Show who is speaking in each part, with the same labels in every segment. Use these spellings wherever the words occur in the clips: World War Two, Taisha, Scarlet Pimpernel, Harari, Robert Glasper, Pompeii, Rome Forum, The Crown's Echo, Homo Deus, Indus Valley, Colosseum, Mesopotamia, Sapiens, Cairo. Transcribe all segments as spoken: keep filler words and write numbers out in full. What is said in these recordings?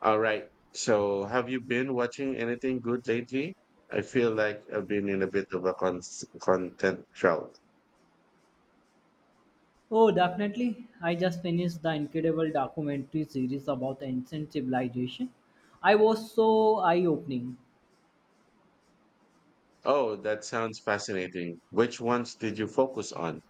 Speaker 1: All right. So, have you been watching anything good lately? I feel like I've been in a bit of a con- content drought.
Speaker 2: Oh, definitely. I just finished the incredible documentary series about ancient civilization. I was so eye-opening.
Speaker 1: Oh, that sounds fascinating. Which ones did you focus on?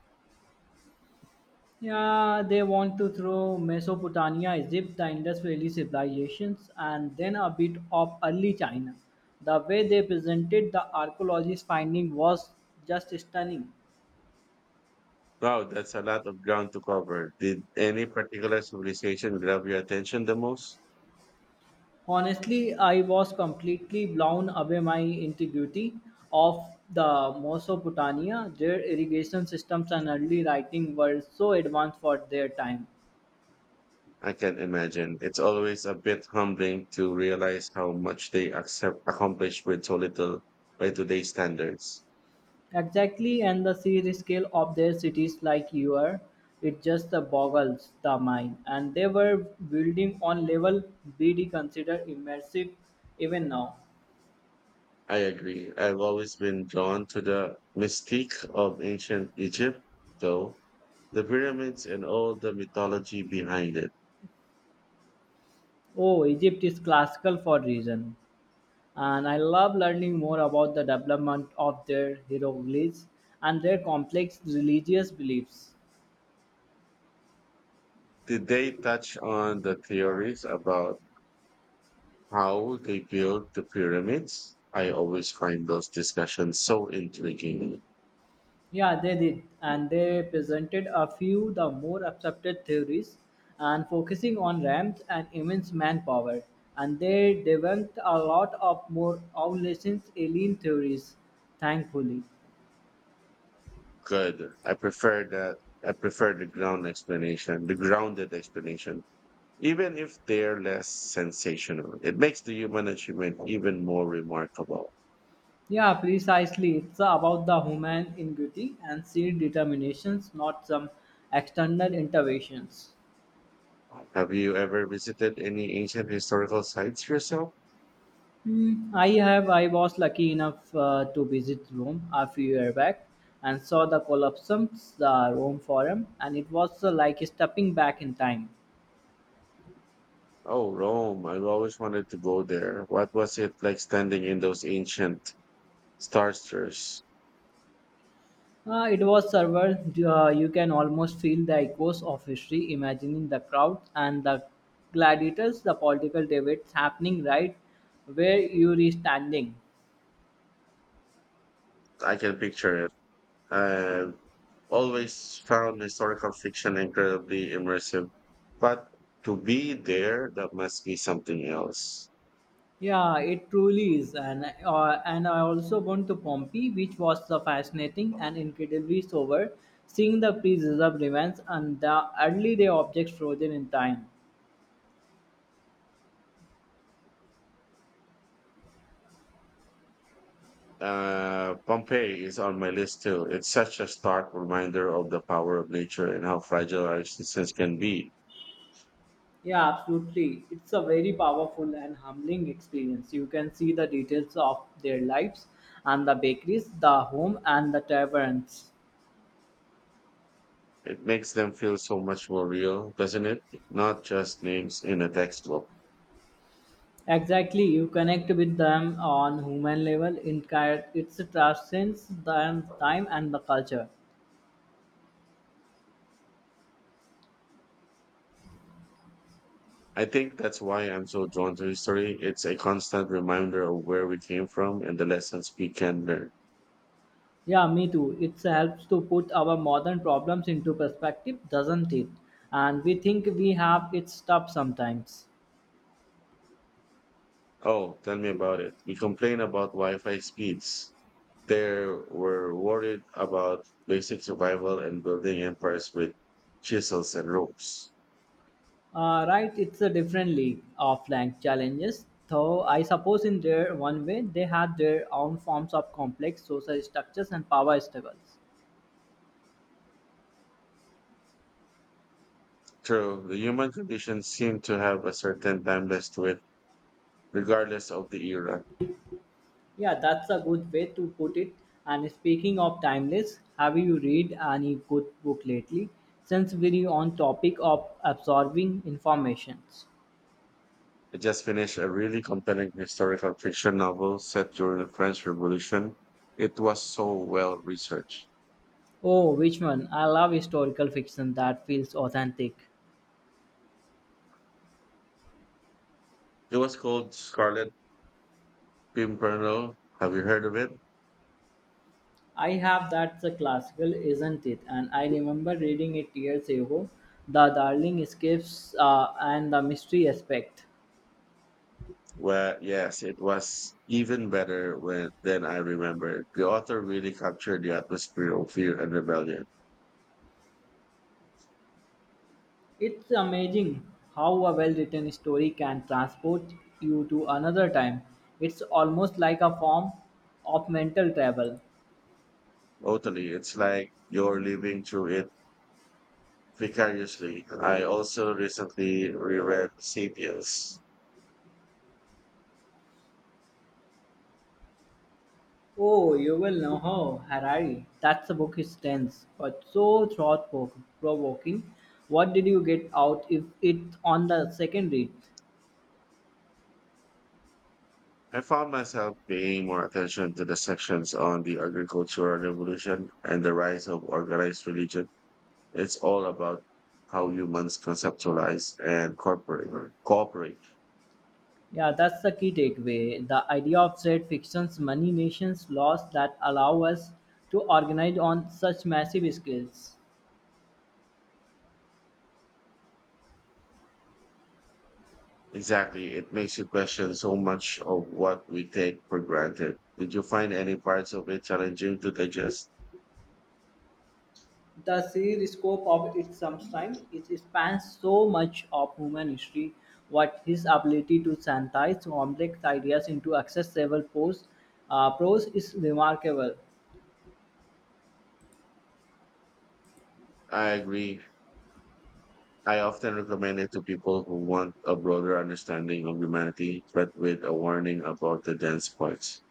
Speaker 2: Yeah, they want to throw Mesopotamia, Egypt, the Indus Valley civilizations, and then a bit of early China. The way they presented the archaeologist finding was just stunning.
Speaker 1: Wow, that's a lot of ground to cover. Did any particular civilization grab your attention the most?
Speaker 2: Honestly, I was completely blown away by integrity of the Mesopotamia. Their irrigation systems and early writing were so advanced for their time.
Speaker 1: I can imagine. It's always a bit humbling to realize how much they accept, accomplish with so little by today's standards.
Speaker 2: Exactly, and the sheer scale of their cities like your, it just boggles the mind. And they were building on level B D considered immersive even now.
Speaker 1: I agree. I've always been drawn to the mystique of ancient Egypt, though, the pyramids and all the mythology behind it.
Speaker 2: Oh, Egypt is classical for reason. And I love learning more about the development of their hieroglyphs and their complex religious beliefs.
Speaker 1: Did they touch on the theories about how they built the pyramids? I always find those discussions so intriguing.
Speaker 2: Yeah, they did. And they presented a few the more accepted theories and focusing on ramps and immense manpower. And they debunked a lot of more obsolescence alien theories, thankfully.
Speaker 1: Good. I prefer that. I prefer the ground explanation, the grounded explanation, even if they're less sensational. It makes the human achievement even more remarkable.
Speaker 2: Yeah, precisely. It's about the human ingenuity and sheer determinations, not some external interventions.
Speaker 1: Have you ever visited any ancient historical sites yourself?
Speaker 2: Hmm, I have. I was lucky enough uh, to visit Rome a few years back and saw the Colosseum, the Rome Forum, and it was uh, like stepping back in time.
Speaker 1: Oh, Rome. I've always wanted to go there. What was it like standing in those ancient stars?
Speaker 2: Uh, it was surreal. Uh, you can almost feel the echoes of history, imagining the crowds and the gladiators, the political debates happening right where you are standing.
Speaker 1: I can picture it. I've always found historical fiction incredibly immersive, but to be there, that must be something else.
Speaker 2: Yeah, it truly is, and uh, and I also went to Pompeii, which was so fascinating and incredibly sober, seeing the preserved remains and the early day objects frozen in time.
Speaker 1: Uh, Pompeii is on my list too. It's such a stark reminder of the power of nature and how fragile our existence can be.
Speaker 2: Yeah, absolutely. It's a very powerful and humbling experience. You can see the details of their lives and the bakeries, the home, and the taverns.
Speaker 1: It makes them feel so much more real, doesn't it? Not just names in a textbook.
Speaker 2: Exactly, you connect with them on human level. In Cairo, it transcends the time and the culture.
Speaker 1: I think that's why I'm so drawn to history. It's a constant reminder of where we came from and the lessons we can learn.
Speaker 2: Yeah, me too. It helps to put our modern problems into perspective, doesn't it? And we think we have it stuff sometimes.
Speaker 1: Oh, tell me about it. We complain about Wi Fi speeds. They were worried about basic survival and building empires with chisels and ropes.
Speaker 2: Uh, right, it's a different league of language challenges, though I suppose in their one way they had their own forms of complex social structures and power struggles.
Speaker 1: True, the human condition seemed to have a certain timeless to it, regardless of the era.
Speaker 2: Yeah, that's a good way to put it. And speaking of timeless, have you read any good book lately? Since we're on topic of absorbing informations.
Speaker 1: I just finished a really compelling historical fiction novel set during the French Revolution. It was so well researched.
Speaker 2: Oh, which one? I love historical fiction that feels authentic.
Speaker 1: It was called Scarlet Pimpernel. Have you heard of it?
Speaker 2: I have that's a classical, isn't it? And I remember reading it years ago. The Darling Escapes uh, and the Mystery Aspect.
Speaker 1: Well, yes, it was even better when, than I remembered. The author really captured the atmosphere of fear and rebellion.
Speaker 2: It's amazing how a well written story can transport you to another time. It's almost like a form of mental travel.
Speaker 1: Totally, it's like you're living through it vicariously. I also recently reread *Sapiens*.
Speaker 2: Oh, you will know how. Harari. That's the book is tense, but so thought provoking. What did you get out if it on the second read?
Speaker 1: I found myself paying more attention to the sections on the agricultural revolution and the rise of organized religion. It's all about how humans conceptualize and cooperate. cooperate.
Speaker 2: Yeah, that's the key takeaway. The idea of trade fictions, money, nations, laws that allow us to organize on such massive scales.
Speaker 1: Exactly. It makes you question so much of what we take for granted. Did you find any parts of it challenging to digest?
Speaker 2: The sheer scope of its substance it spans so much of human history what his ability to synthesize complex ideas into accessible prose, uh, prose is remarkable.
Speaker 1: I agree. I often recommend it to people who want a broader understanding of humanity, but with a warning about the dense parts.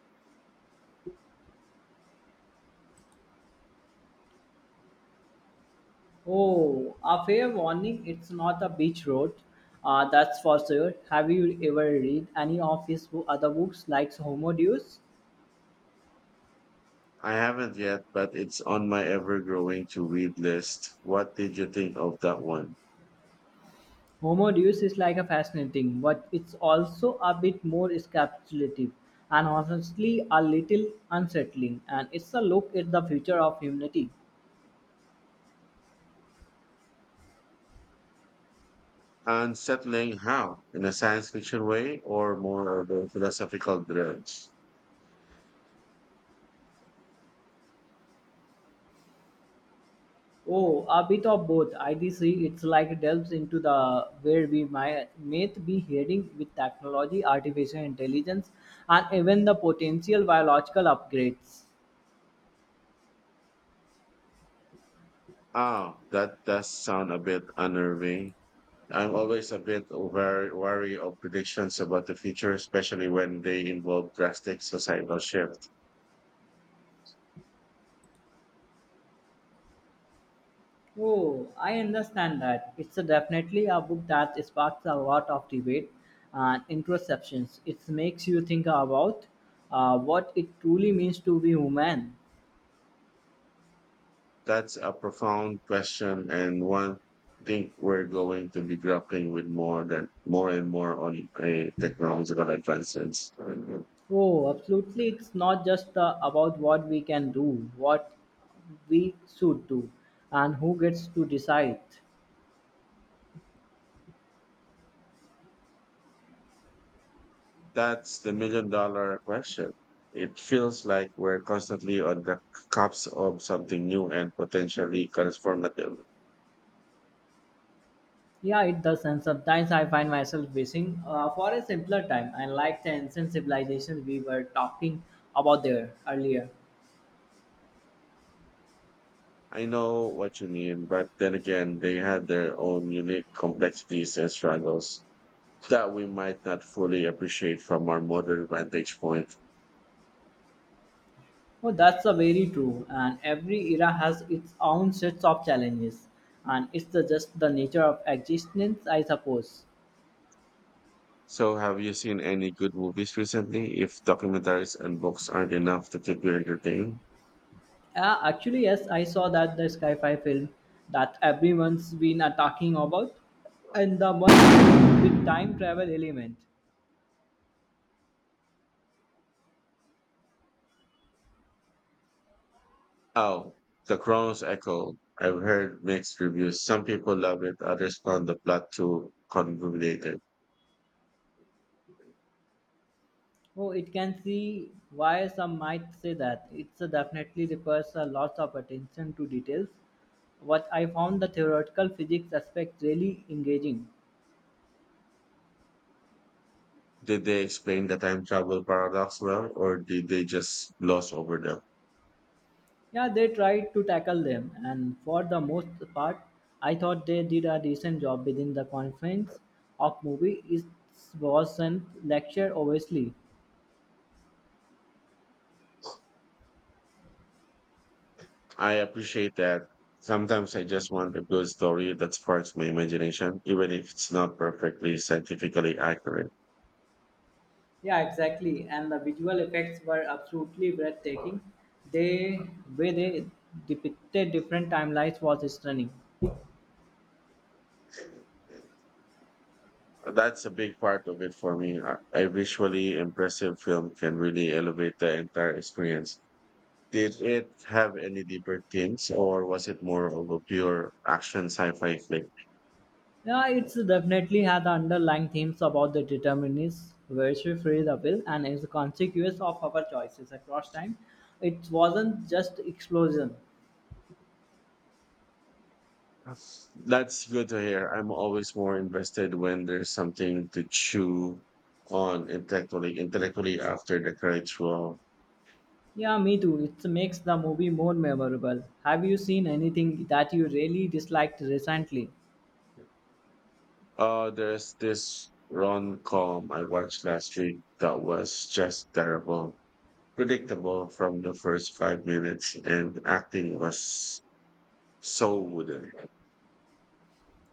Speaker 2: Oh, a fair warning, it's not a beach road, uh, that's for sure. Have you ever read any of his bo- other books like Homo Deus?
Speaker 1: I haven't yet, but it's on my ever growing to read list. What did you think of that one?
Speaker 2: Homo Deus is like a fascinating, but it's also a bit more encapsulative and honestly a little unsettling. And it's a look at the future of humanity.
Speaker 1: Unsettling how? In a science fiction way or more of a philosophical dreads?
Speaker 2: Oh, a bit of both. I do see it's like delves into the where we might, may be heading with technology, artificial intelligence, and even the potential biological upgrades.
Speaker 1: Ah, that does sound a bit unnerving. I'm always a bit wary, wary of predictions about the future, especially when they involve drastic societal shifts.
Speaker 2: Oh, I understand that. It's a definitely a book that sparks a lot of debate and introspections. It makes you think about uh, what it truly means to be human.
Speaker 1: That's a profound question and one think we're going to be grappling with more than more and more on a technological advancements.
Speaker 2: Oh, absolutely. It's not just uh, about what we can do, what we should do, and who gets to decide.
Speaker 1: That's the million dollar question. It feels like we're constantly on the cusp of something new and potentially transformative.
Speaker 2: Yeah, it does. And sometimes I find myself wishing uh, for a simpler time. I like the ancient civilizations we were talking about there earlier.
Speaker 1: I know what you mean, but then again, they had their own unique complexities and struggles that we might not fully appreciate from our modern vantage point.
Speaker 2: Oh, that's a very true. And every era has its own sets of challenges, and it's the, just the nature of existence, I suppose.
Speaker 1: So, have you seen any good movies recently? If documentaries and books aren't enough to keep you entertained?
Speaker 2: Uh, actually, yes, I saw that the Skyfi film that everyone's been uh, talking about, and the one with time travel element.
Speaker 1: Oh, The Crown's Echo. I've heard mixed reviews. Some people love it, others found the plot too convoluted.
Speaker 2: Oh, it can see why some might say that it's uh, definitely requires a lot of attention to details. What I found the theoretical physics aspect really engaging.
Speaker 1: Did they explain the time travel paradox well, or did they just gloss over them?
Speaker 2: Yeah, they tried to tackle them, and for the most part, I thought they did a decent job within the confines of movie. It wasn't lecture, obviously.
Speaker 1: I appreciate that. Sometimes I just want a good story that sparks my imagination, even if it's not perfectly scientifically accurate.
Speaker 2: Yeah, exactly. And the visual effects were absolutely breathtaking. They way they depicted different timelines was stunning.
Speaker 1: That's a big part of it for me. A a visually impressive film can really elevate the entire experience. Did it have any deeper themes, or was it more of a pure action sci-fi flick?
Speaker 2: Yeah, it's definitely had the underlying themes about the determinist versus free will and is a consequence of our choices across time. It wasn't just explosion.
Speaker 1: That's that's good to hear. I'm always more invested when there's something to chew on intellectually, intellectually after the credits roll.
Speaker 2: Yeah, me too. It makes the movie more memorable. Have you seen anything that you really disliked recently?
Speaker 1: Uh, there's this rom-com I watched last week that was just terrible. Predictable from the first five minutes and acting was so wooden.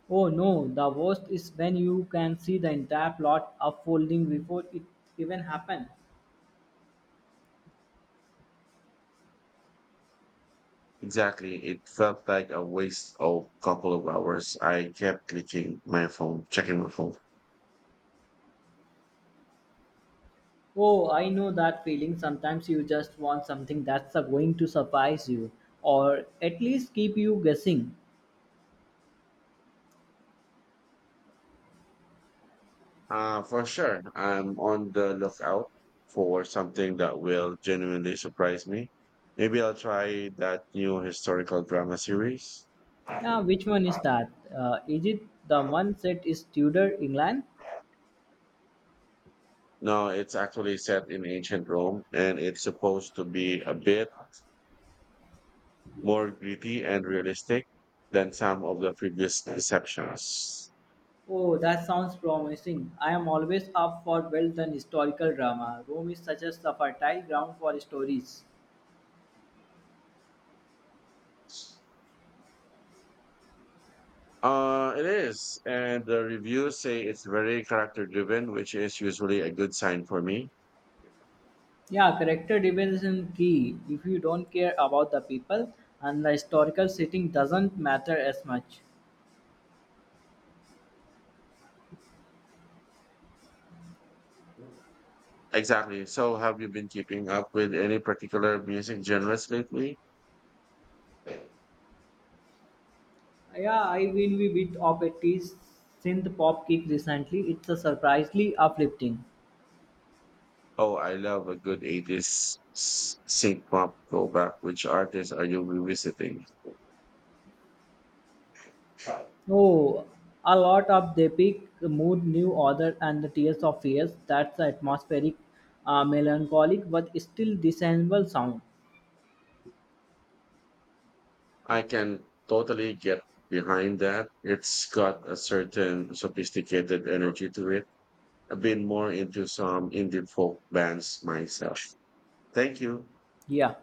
Speaker 2: Oh no, the worst is when you can see the entire plot unfolding before it even happened.
Speaker 1: Exactly. It felt like a waste of couple of hours. I kept clicking my phone, checking my phone.
Speaker 2: Oh, I know that feeling. Sometimes you just want something that's uh, going to surprise you or at least keep you guessing.
Speaker 1: Uh, for sure. I'm on the lookout for something that will genuinely surprise me. Maybe I'll try that new historical drama series.
Speaker 2: Yeah, which one is that? Uh, is it the one set is Tudor England?
Speaker 1: No, it's actually set in ancient Rome and it's supposed to be a bit more gritty and realistic than some of the previous deceptions.
Speaker 2: Oh, that sounds promising. I am always up for well done historical drama. Rome is such a fertile ground for stories.
Speaker 1: Uh, it is, and the reviews say it's very character driven, which is usually a good sign for me.
Speaker 2: Yeah, character development is key. If you don't care about the people and the historical setting doesn't matter as much.
Speaker 1: Exactly. So, have you been keeping up with any particular music genres lately?
Speaker 2: Yeah, I will be bit of a tease synth pop kick recently. It's a surprisingly uplifting.
Speaker 1: Oh, I love a good eighties s- synth pop throwback. Which artists are you revisiting?
Speaker 2: Oh, a lot of the peak mood, new order, and the tears of fears. That's the atmospheric, uh, melancholic, but still discernible sound.
Speaker 1: I can totally get behind that. It's got a certain sophisticated energy to it. I've been more into some indie folk bands myself. Thank you.
Speaker 2: Yeah.